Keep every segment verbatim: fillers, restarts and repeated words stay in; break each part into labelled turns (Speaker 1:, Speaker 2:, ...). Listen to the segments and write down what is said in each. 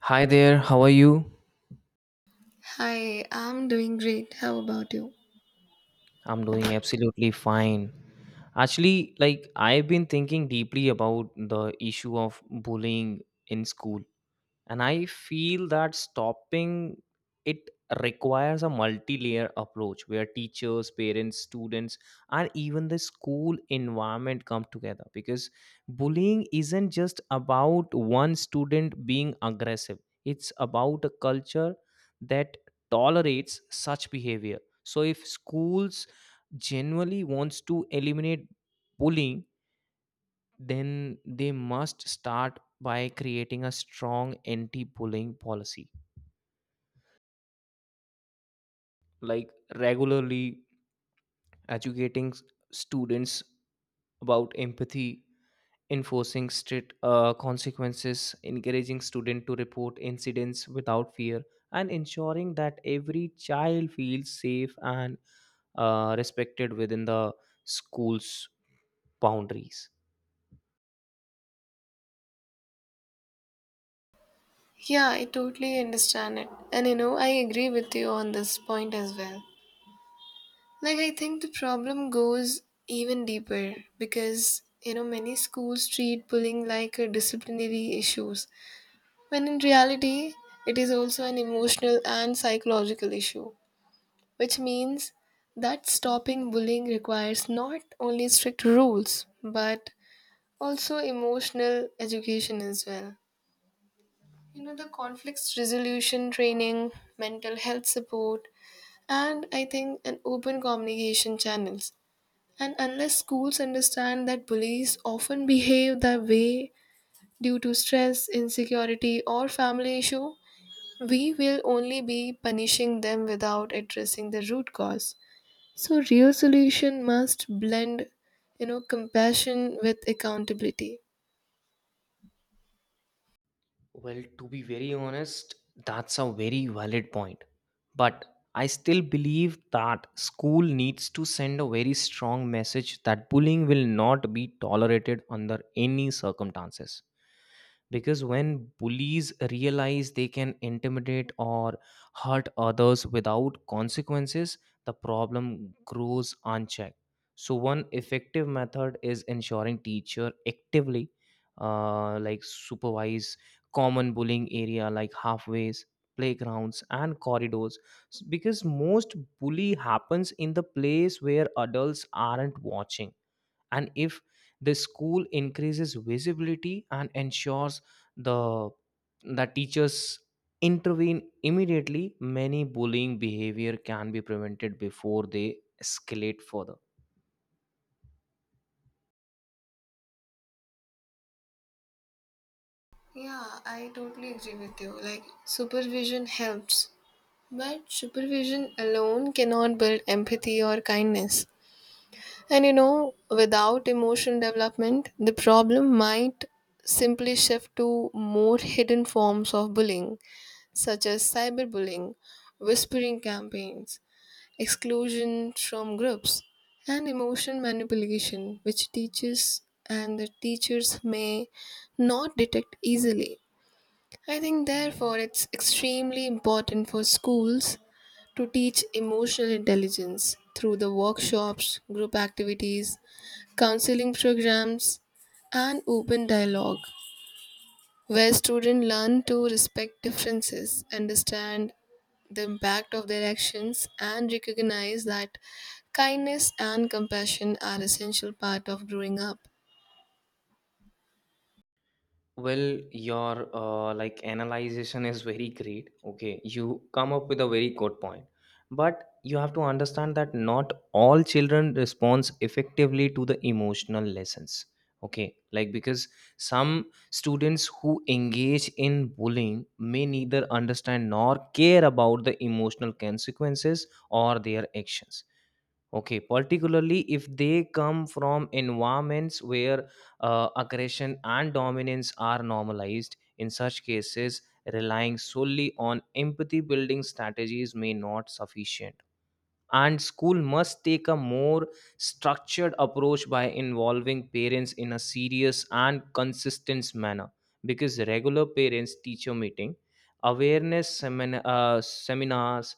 Speaker 1: Hi there, how are you?
Speaker 2: Hi, I'm doing great. How about you?
Speaker 1: I'm doing absolutely fine. Actually, like I've been thinking deeply about the issue of bullying in school, and I feel that stopping it requires a multi-layer approach where teachers, parents, students and even the school environment come together, because bullying isn't just about one student being aggressive, it's about a culture that tolerates such behavior. So if schools genuinely wants to eliminate bullying, then they must start by creating a strong anti bullying policy, like regularly educating s- students about empathy, enforcing strict uh, consequences, encouraging student to report incidents without fear, and ensuring that every child feels safe and uh, respected within the school's boundaries.
Speaker 2: Yeah, I totally understand it. And you know, I agree with you on this point as well. Like, I think the problem goes even deeper because, you know, many schools treat bullying like a disciplinary issues, when in reality, it is also an emotional and psychological issue, which means that stopping bullying requires not only strict rules, but also emotional education as well. You know, the conflicts resolution training, mental health support, and I think an open communication channels. And unless schools understand that bullies often behave that way due to stress, insecurity, or family issue, we will only be punishing them without addressing the root cause. So real solution must blend, you know, compassion with accountability.
Speaker 1: Well, to be very honest, that's a very valid point. But I still believe that school needs to send a very strong message that bullying will not be tolerated under any circumstances, because when bullies realize they can intimidate or hurt others without consequences, the problem grows unchecked. So one effective method is ensuring teacher actively uh, like supervise common bullying area like halfways, playgrounds and corridors, S- because most bully happens in the place where adults aren't watching. And if the school increases visibility and ensures the that teachers intervene immediately, many bullying behavior can be prevented before they escalate further.
Speaker 2: Yeah, I totally agree with you. Like, supervision helps, but supervision alone cannot build empathy or kindness. And you know, without emotional development, the problem might simply shift to more hidden forms of bullying, such as cyberbullying, whispering campaigns, exclusion from groups, and emotion manipulation, which teachers and the teachers may not detect easily. I think, therefore, it's extremely important for schools to teach emotional intelligence through the workshops, group activities, counseling programs, and open dialogue, where students learn to respect differences, understand the impact of their actions, and recognize that kindness and compassion are essential part of growing up.
Speaker 1: Well, your uh, like analyzation is very great. Okay, you come up with a very good point, but you have to understand that not all children responds effectively to the emotional lessons. Okay, like because some students who engage in bullying may neither understand nor care about the emotional consequences or their actions. Okay, particularly if they come from environments where uh, aggression and dominance are normalized, in such cases, relying solely on empathy building strategies may not sufficient, and school must take a more structured approach by involving parents in a serious and consistent manner, because regular parents teacher meeting, awareness semin- uh, seminars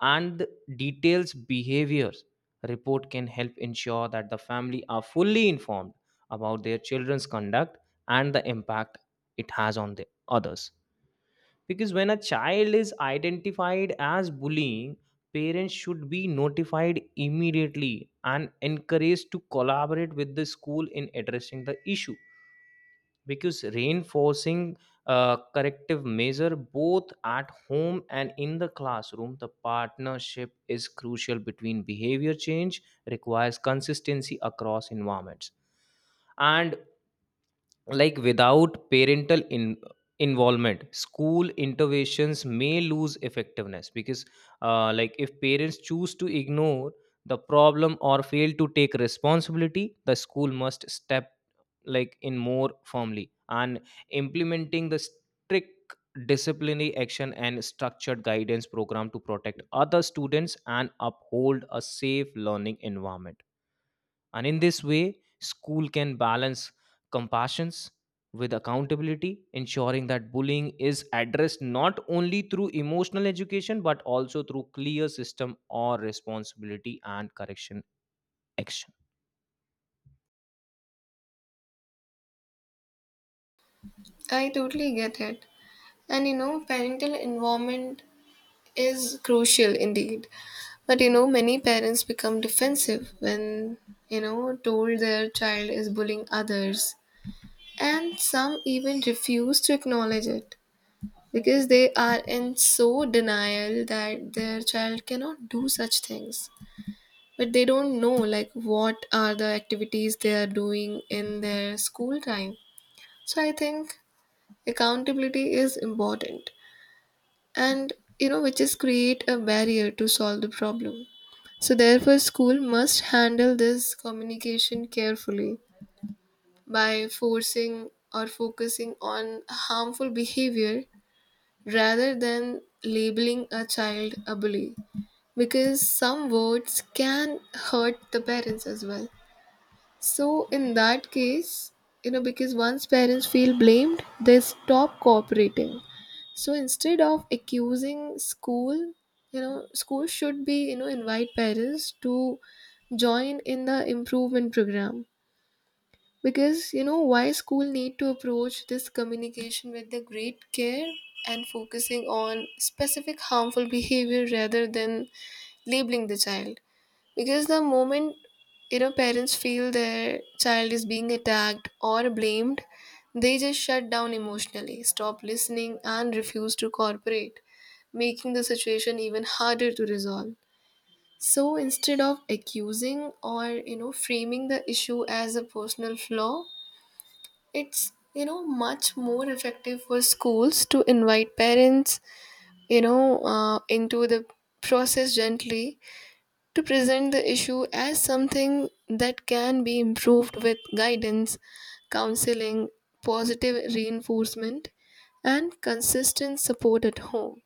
Speaker 1: and details behaviors report can help ensure that the family are fully informed about their children's conduct and the impact it has on the others. Because when a child is identified as bullying, parents should be notified immediately and encouraged to collaborate with the school in addressing the issue, because reinforcing uh, corrective measure both at home and in the classroom, the partnership is crucial between behavior change requires consistency across environments. And like without parental in, involvement, school interventions may lose effectiveness, because uh, like if parents choose to ignore the problem or fail to take responsibility, the school must step like in more firmly and implementing the strict disciplinary action and structured guidance program to protect other students and uphold a safe learning environment. And in this way, school can balance compassions with accountability, ensuring that bullying is addressed not only through emotional education but also through clear system or responsibility and correction action.
Speaker 2: I totally get it. And you know, parental involvement is crucial indeed, but you know, many parents become defensive when, you know, told their child is bullying others, and some even refuse to acknowledge it because they are in so denial that their child cannot do such things. But they don't know like what are the activities they are doing in their school time. So I think accountability is important, and you know, which is create a barrier to solve the problem. So therefore school must handle this communication carefully by forcing or focusing on harmful behavior rather than labeling a child a bully, because some words can hurt the parents as well. So in that case, you know, because once parents feel blamed, they stop cooperating. So instead of accusing school, you know, school should be, you know, invite parents to join in the improvement program. Because you know why school need to approach this communication with the great care and focusing on specific harmful behavior rather than labeling the child, because the moment, you know, parents feel their child is being attacked or blamed, they just shut down emotionally, stop listening, and refuse to cooperate, making the situation even harder to resolve. So instead of accusing or, you know, framing the issue as a personal flaw, it's, you know, much more effective for schools to invite parents, you know, uh, into the process gently, to present the issue as something that can be improved with guidance, counseling, positive reinforcement, and consistent support at home.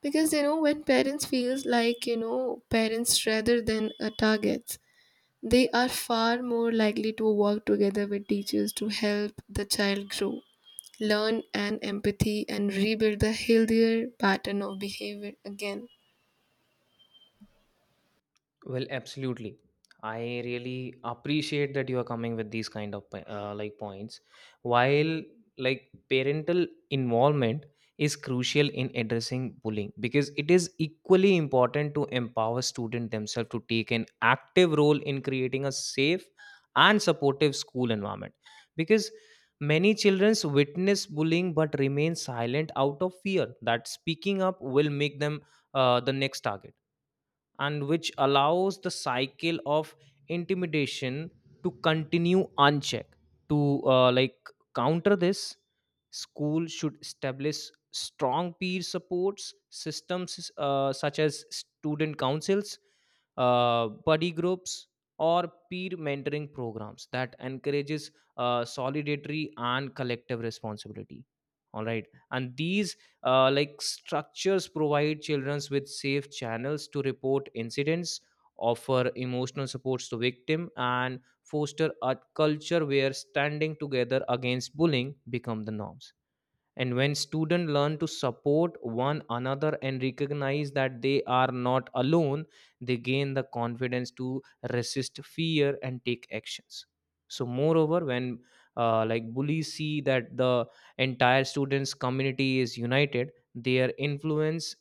Speaker 2: Because you know, when parents feels like, you know, parents rather than a targets, they are far more likely to work together with teachers to help the child grow, learn, and empathy, and rebuild the healthier pattern of behavior again.
Speaker 1: Well, absolutely. I really appreciate that you are coming with these kind of po- uh, like points. While like parental involvement is crucial in addressing bullying, because it is equally important to empower students themselves to take an active role in creating a safe and supportive school environment, because many children witness bullying but remain silent out of fear that speaking up will make them uh, the next target, and which allows the cycle of intimidation to continue unchecked. To uh, like counter this, school should establish strong peer supports systems, uh, such as student councils, uh, buddy groups or peer mentoring programs that encourages uh, solidarity and collective responsibility. All right. And these uh, like structures provide children with safe channels to report incidents, offer emotional supports to victim and foster a culture where standing together against bullying become the norms. And when students learn to support one another and recognize that they are not alone, they gain the confidence to resist fear and take actions. So moreover, when uh, like bullies see that the entire students community is united, their influence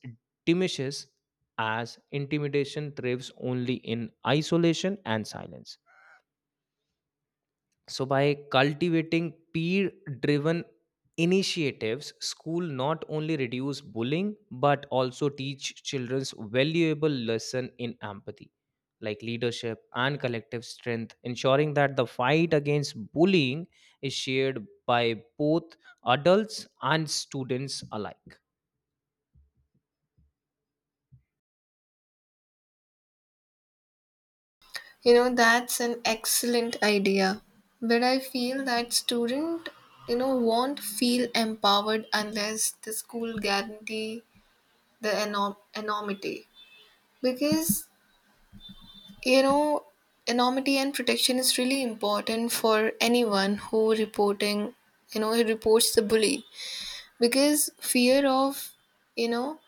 Speaker 1: diminishes, as intimidation thrives only in isolation and silence. So, by cultivating peer driven initiatives, school not only reduce bullying but also teach children's valuable lesson in empathy, like leadership and collective strength, ensuring that the fight against bullying is shared by both adults and students alike.
Speaker 2: You know, that's an excellent idea. But I feel that student, you know, won't feel empowered unless the school guarantee the anom- anonymity. Because, you know, anonymity and protection is really important for anyone who reporting, you know, who reports the bully. Because fear of, you know,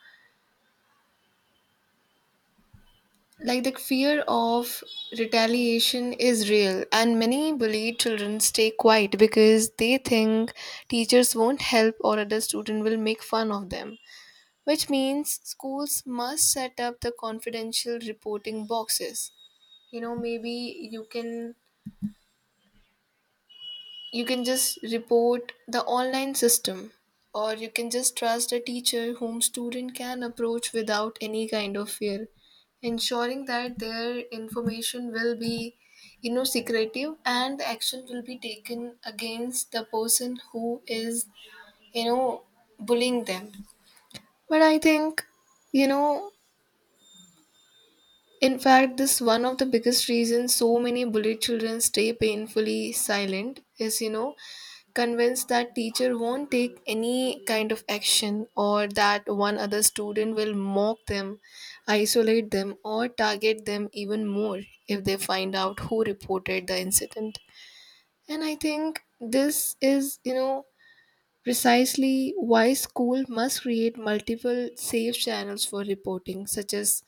Speaker 2: like the fear of retaliation is real, and many bullied children stay quiet because they think teachers won't help or other student will make fun of them, which means schools must set up the confidential reporting boxes. You know, maybe you can, you can just report the online system, or you can just trust a teacher whom student can approach without any kind of fear, ensuring that their information will be, you know, secretive, and the action will be taken against the person who is, you know, bullying them. But I think, you know, in fact, this one of the biggest reasons so many bullied children stay painfully silent is, you know, convinced that teacher won't take any kind of action or that one other student will mock them, isolate them, or target them even more if they find out who reported the incident. And I think this is, you know, precisely why school must create multiple safe channels for reporting, such as,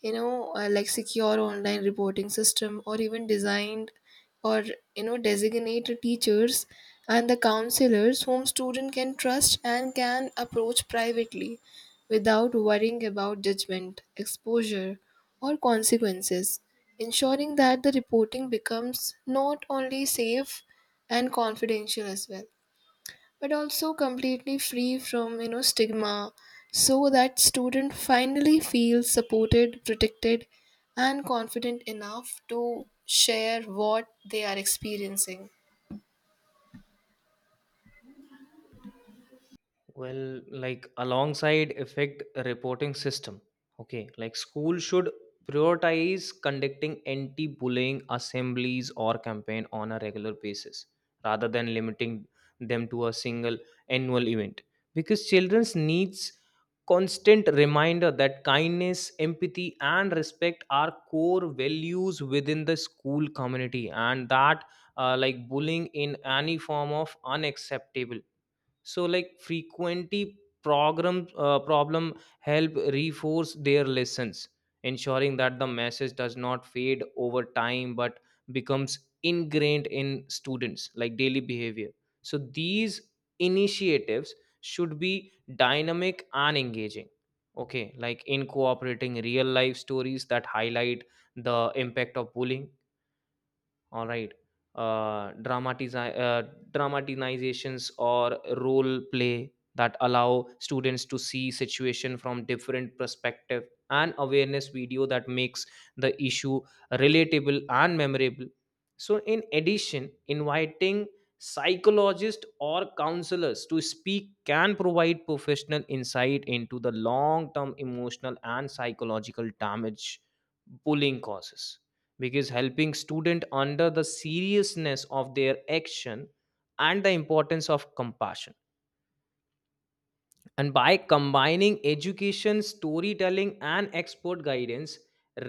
Speaker 2: you know, uh, like secure online reporting system, or even designed, or, you know, designated teachers and the counselors whom student can trust and can approach privately without worrying about judgment, exposure, or consequences, ensuring that the reporting becomes not only safe and confidential as well, but also completely free from, you know, stigma, so that student finally feels supported, protected, and confident enough to share what they are experiencing.
Speaker 1: Well, like alongside effect reporting system. Okay, like school should prioritize conducting anti-bullying assemblies or campaign on a regular basis rather than limiting them to a single annual event, because children's needs constant reminder that kindness, empathy and respect are core values within the school community, and that uh, like bullying in any form of unacceptable. So like frequently program uh, problem help reinforce their lessons, ensuring that the message does not fade over time but becomes ingrained in students like daily behavior. So these initiatives should be dynamic and engaging. Okay, like incorporating real life stories that highlight the impact of bullying. All right. uh, dramatizi- uh, Dramatizations or role play that allow students to see situation from different perspective, and awareness video that makes the issue relatable and memorable. So in addition, inviting psychologists or counselors to speak can provide professional insight into the long term emotional and psychological damage bullying causes, because helping student under the seriousness of their action and the importance of compassion. And by combining education, storytelling and expert guidance,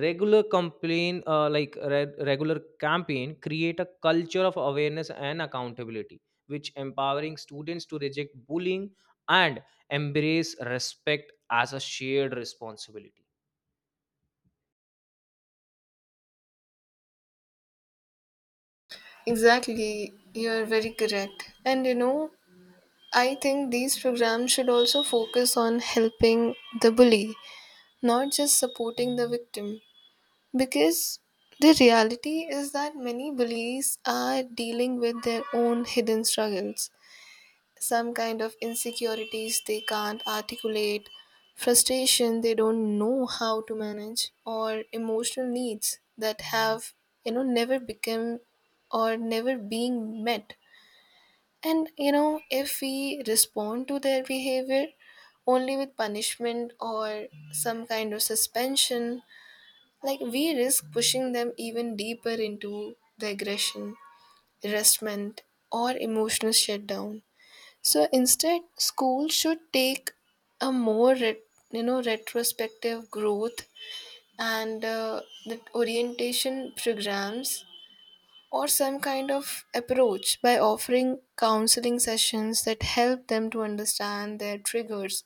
Speaker 1: regular complain uh, like re- regular campaign create a culture of awareness and accountability, which empowering students to reject bullying and embrace respect as a shared responsibility.
Speaker 2: Exactly, you're very correct. And you know, I think these programs should also focus on helping the bully, not just supporting the victim, because the reality is that many bullies are dealing with their own hidden struggles, some kind of insecurities they can't articulate, frustration they don't know how to manage, or emotional needs that have, you know, never become or never being met. And, you know, if we respond to their behavior only with punishment or some kind of suspension, like we risk pushing them even deeper into the aggression, resentment, or emotional shutdown. So instead, school should take a more ret- you know, retrospective growth and uh, the orientation programs, or some kind of approach by offering counseling sessions that help them to understand their triggers,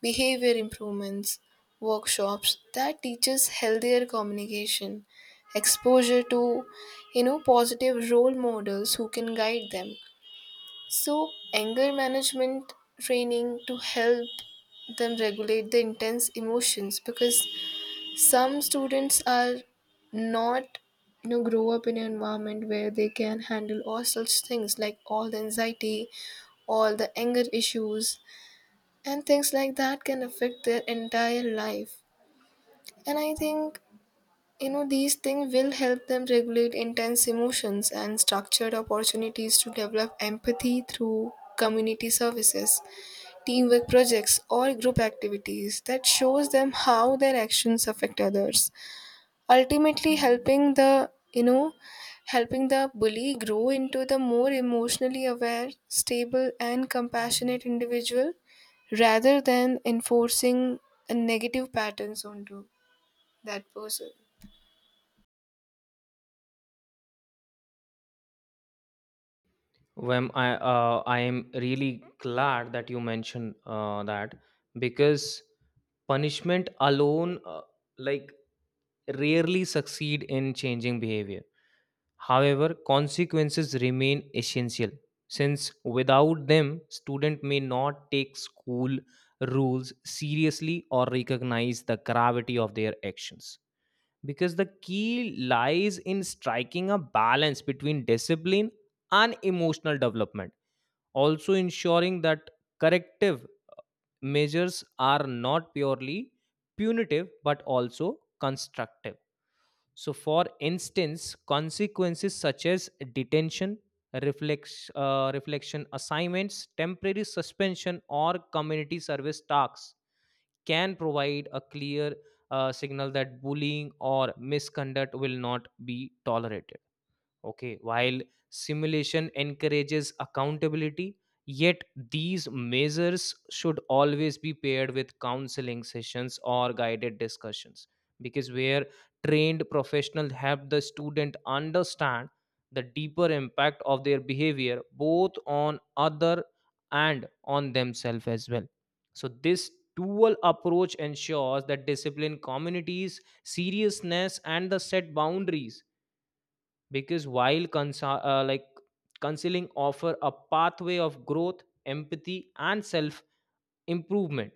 Speaker 2: behavior improvements, workshops that teaches healthier communication, exposure to, you know, positive role models who can guide them, so, anger management training to help them regulate the intense emotions, because some students are not, you know, grow up in an environment where they can handle all such things, like all the anxiety, all the anger issues, and things like that can affect their entire life. And I think, you know, these things will help them regulate intense emotions and structured opportunities to develop empathy through community services, teamwork projects, or group activities that shows them how their actions affect others, ultimately helping the, you know, helping the bully grow into the more emotionally aware, stable, and compassionate individual rather than enforcing a negative patterns onto that person.
Speaker 1: Well, I uh, I am really glad that you mentioned uh, that, because punishment alone uh, like rarely succeed in changing behavior. However, consequences remain essential since without them, student may not take school rules seriously or recognize the gravity of their actions. Because the key lies in striking a balance between discipline and emotional development, also ensuring that corrective measures are not purely punitive but also constructive. So, for instance, consequences such as detention, reflex, uh, reflection assignments, temporary suspension, or community service tasks can provide a clear uh, signal that bullying or misconduct will not be tolerated. Okay, while simulation encourages accountability, yet these measures should always be paired with counseling sessions or guided discussions, because where trained professionals help the student understand the deeper impact of their behavior both on other and on themselves as well. So this dual approach ensures that discipline communities seriousness and the set boundaries, because while consa- uh, like counseling offer a pathway of growth, empathy and self improvement.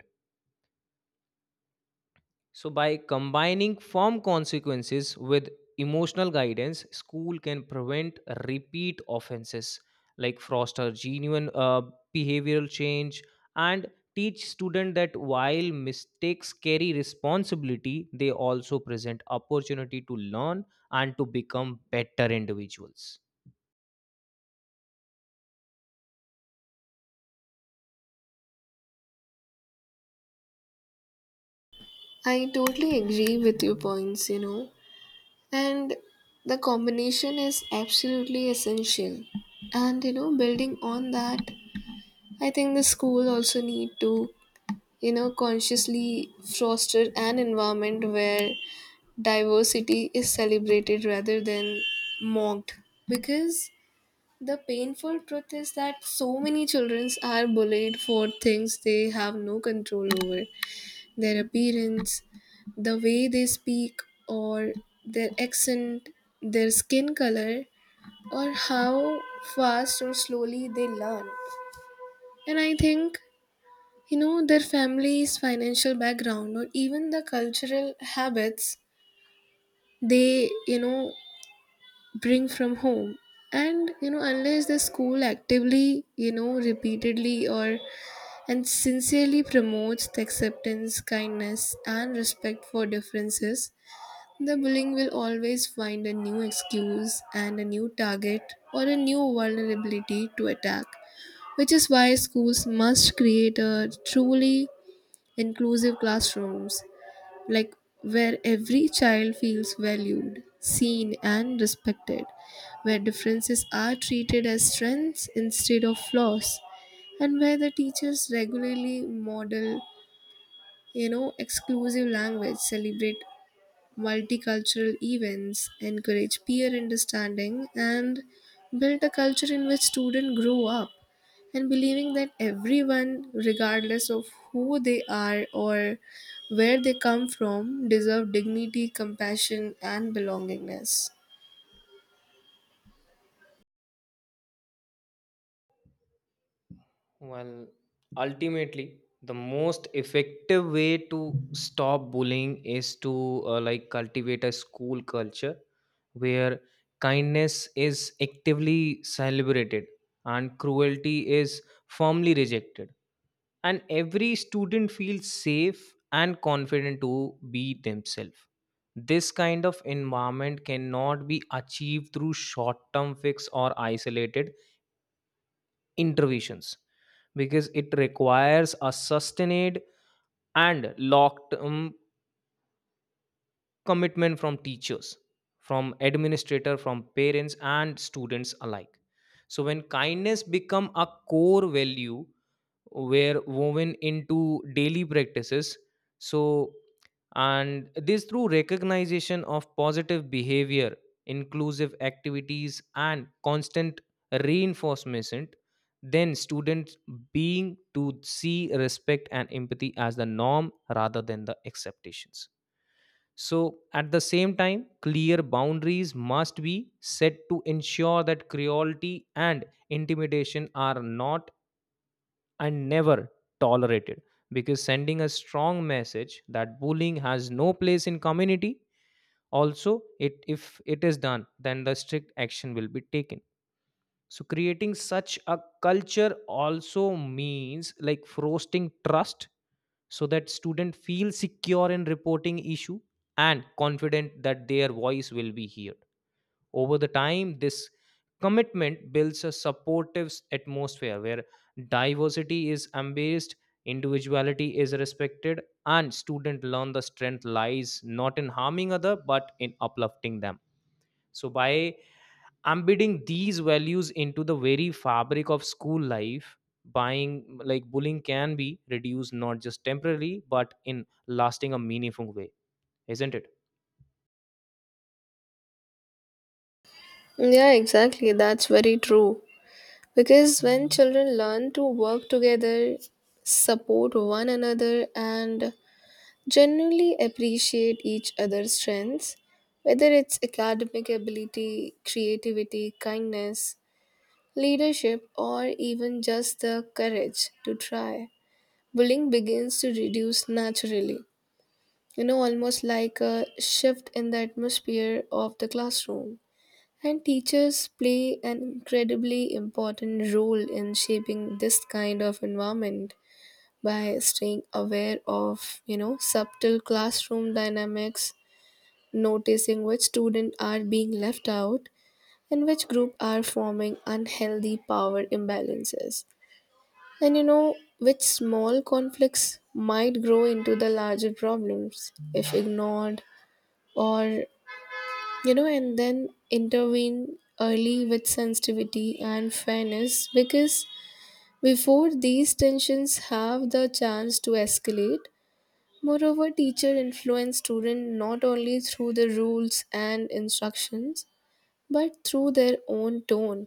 Speaker 1: So by combining firm consequences with emotional guidance, school can prevent repeat offenses, like foster genuine uh, behavioral change, and teach student that while mistakes carry responsibility, they also present opportunity to learn and to become better individuals.
Speaker 2: I totally agree with your points, you know, and the combination is absolutely essential. And you know, building on that, I think the school also need to, you know, consciously foster an environment where diversity is celebrated rather than mocked. Because the painful truth is that so many children are bullied for things they have no control over: their appearance, the way they speak, or their accent, their skin color, or how fast or slowly they learn. And I think, you know, their family's financial background or even the cultural habits they, you know, bring from home. And you know, unless the school actively, you know, repeatedly, or and sincerely promotes the acceptance, kindness, and respect for differences, the bullying will always find a new excuse and a new target, or a new vulnerability to attack, which is why schools must create a truly inclusive classrooms, like where every child feels valued, seen, and respected, where differences are treated as strengths instead of flaws, and where the teachers regularly model, you know, exclusive language, celebrate multicultural events, encourage peer understanding, and build a culture in which students grow up and believing that everyone, regardless of who they are or where they come from, deserve dignity, compassion, and belongingness.
Speaker 1: Well, ultimately, the most effective way to stop bullying is to uh, like cultivate a school culture where kindness is actively celebrated and cruelty is firmly rejected, and every student feels safe and confident to be themselves. This kind of environment cannot be achieved through short term fix or isolated interventions, because it requires a sustained and locked um, commitment from teachers, from administrator, from parents and students alike. So when kindness become a core value, were woven into daily practices, so and this through recognition of positive behavior, inclusive activities and constant reinforcement, then students being to see respect and empathy as the norm rather than the acceptations. So at the same time clear boundaries must be set to ensure that cruelty and intimidation are not and never tolerated, because sending a strong message that bullying has no place in community, also it if it is done then the strict action will be taken. So creating such a culture also means like fostering trust so that student feel secure in reporting issue and confident that their voice will be heard. Over the time, this commitment builds a supportive s- atmosphere where diversity is embraced, individuality is respected, and students learn the strength lies not in harming other but in uplifting them. So by embedding these values into the very fabric of school life, buying like bullying can be reduced not just temporarily but in lasting a meaningful way, isn't it?
Speaker 2: Yeah, exactly. That's very true. Because when children learn to work together, support one another, and genuinely appreciate each other's strengths, whether it's academic ability, creativity, kindness, leadership, or even just the courage to try. Bullying begins to reduce naturally, you know, almost like a shift in the atmosphere of the classroom. And teachers play an incredibly important role in shaping this kind of environment by staying aware of, you know, subtle classroom dynamics, noticing which students are being left out and which group are forming unhealthy power imbalances. And you know, which small conflicts might grow into the larger problems if ignored, or, you know, and then intervene early with sensitivity and fairness, because before these tensions have the chance to escalate, moreover, teacher influence student not only through the rules and instructions, but through their own tone,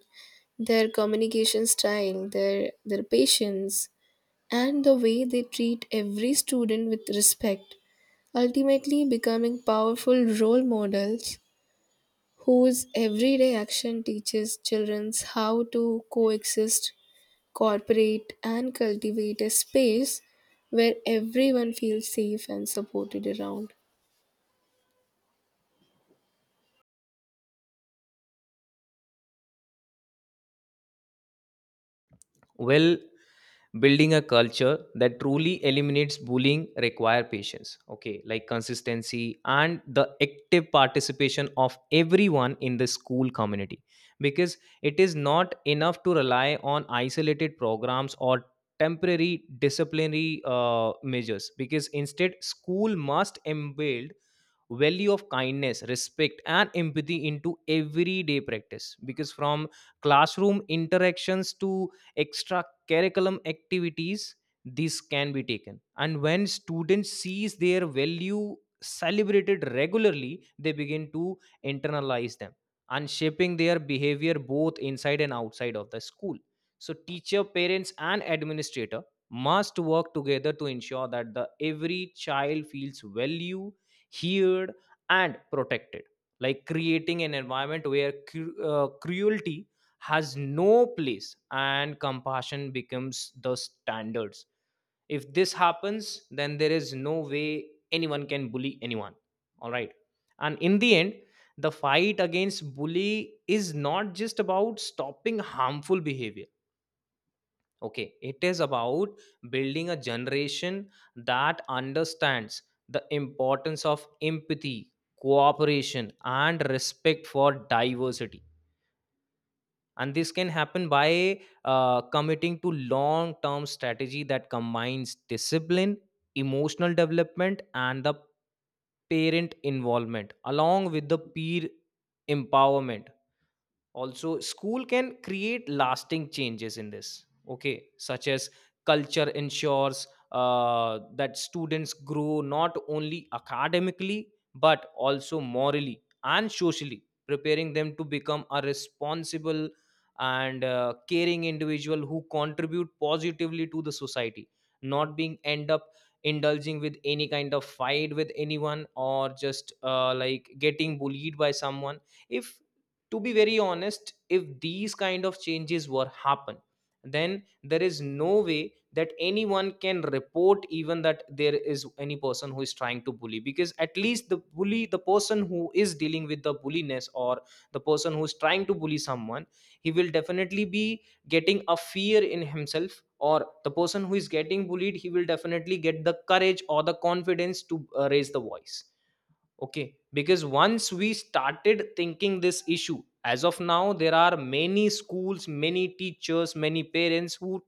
Speaker 2: their communication style, their their patience, and the way they treat every student with respect, ultimately becoming powerful role models whose everyday action teaches children how to coexist, cooperate, and cultivate a space where everyone feels safe and supported around.
Speaker 1: Well, building a culture that truly eliminates bullying require patience, okay, like consistency and the active participation of everyone in the school community, because it is not enough to rely on isolated programs or temporary disciplinary uh, measures, because instead school must embed value of kindness, respect and empathy into everyday practice, because from classroom interactions to extra curriculum activities this can be taken. And when students sees their value celebrated regularly, they begin to internalize them and shaping their behavior both inside and outside of the school. So teacher, parents and administrator must work together to ensure that the every child feels value, heard and protected, like creating an environment where cru- uh, cruelty has no place and compassion becomes the standards. If this happens, then there is no way anyone can bully anyone. All right. And in the end, the fight against bully is not just about stopping harmful behavior. Okay, it is about building a generation that understands the importance of empathy, cooperation, and respect for diversity. And this can happen by uh, committing to long term strategy that combines discipline, emotional development, and the parent involvement along with the peer empowerment. Also school can create lasting changes in this, okay, such as culture ensures uh, that students grow not only academically but also morally and socially, preparing them to become a responsible and uh, caring individual who contribute positively to the society, not being end up indulging with any kind of fight with anyone or just uh, like getting bullied by someone. If, to be very honest, if these kind of changes were happen, then there is no way that anyone can report even that there is any person who is trying to bully, because at least the bully, the person who is dealing with the bulliness or the person who is trying to bully someone, he will definitely be getting a fear in himself, or the person who is getting bullied, he will definitely get the courage or the confidence to uh, raise the voice. Okay, because once we started thinking this issue, as of now there are many schools, many teachers, many parents who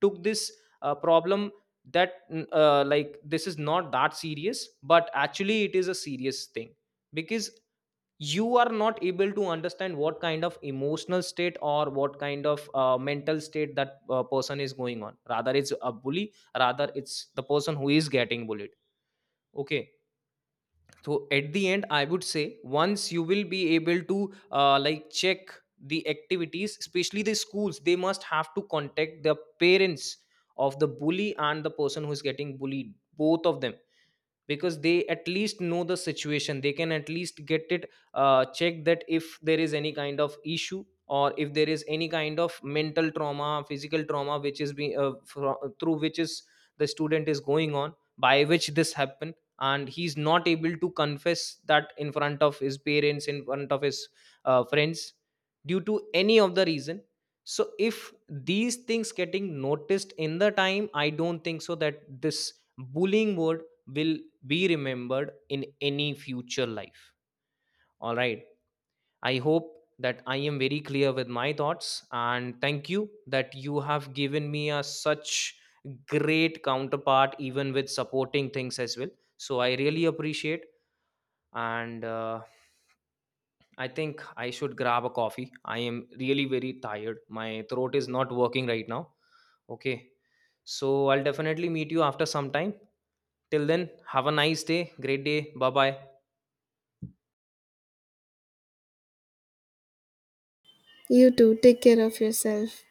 Speaker 1: took this uh, problem that mm, uh, like this is not that serious, but actually it is a serious thing, because you are not able to understand what kind of emotional state or what kind of uh, mental state that uh, person is going on, rather it's a bully, rather it's the person who is getting bullied. Okay. So at the end I would say, once you will be able to uh, like check the activities, especially the schools, they must have to contact the parents of the bully and the person who is getting bullied, both of them, because they at least know the situation, they can at least get it uh, checked that if there is any kind of issue or if there is any kind of mental trauma, physical trauma which is being uh, fro- through which is the student is going on, by which this happened and he's not able to confess that in front of his parents, in front of his uh, friends due to any of the reason. So if these things getting noticed in the time, I don't think so that this bullying word will be remembered in any future life. All right. I hope that I am very clear with my thoughts, and thank you that you have given me a such great counterpart even with supporting things as well. So I really appreciate, and uh, I think I should grab a coffee. I am really very tired. My throat is not working right now. Okay. So I'll definitely meet you after some time. Till then, have a nice day. Great day. Bye bye.
Speaker 2: You too, take care of yourself.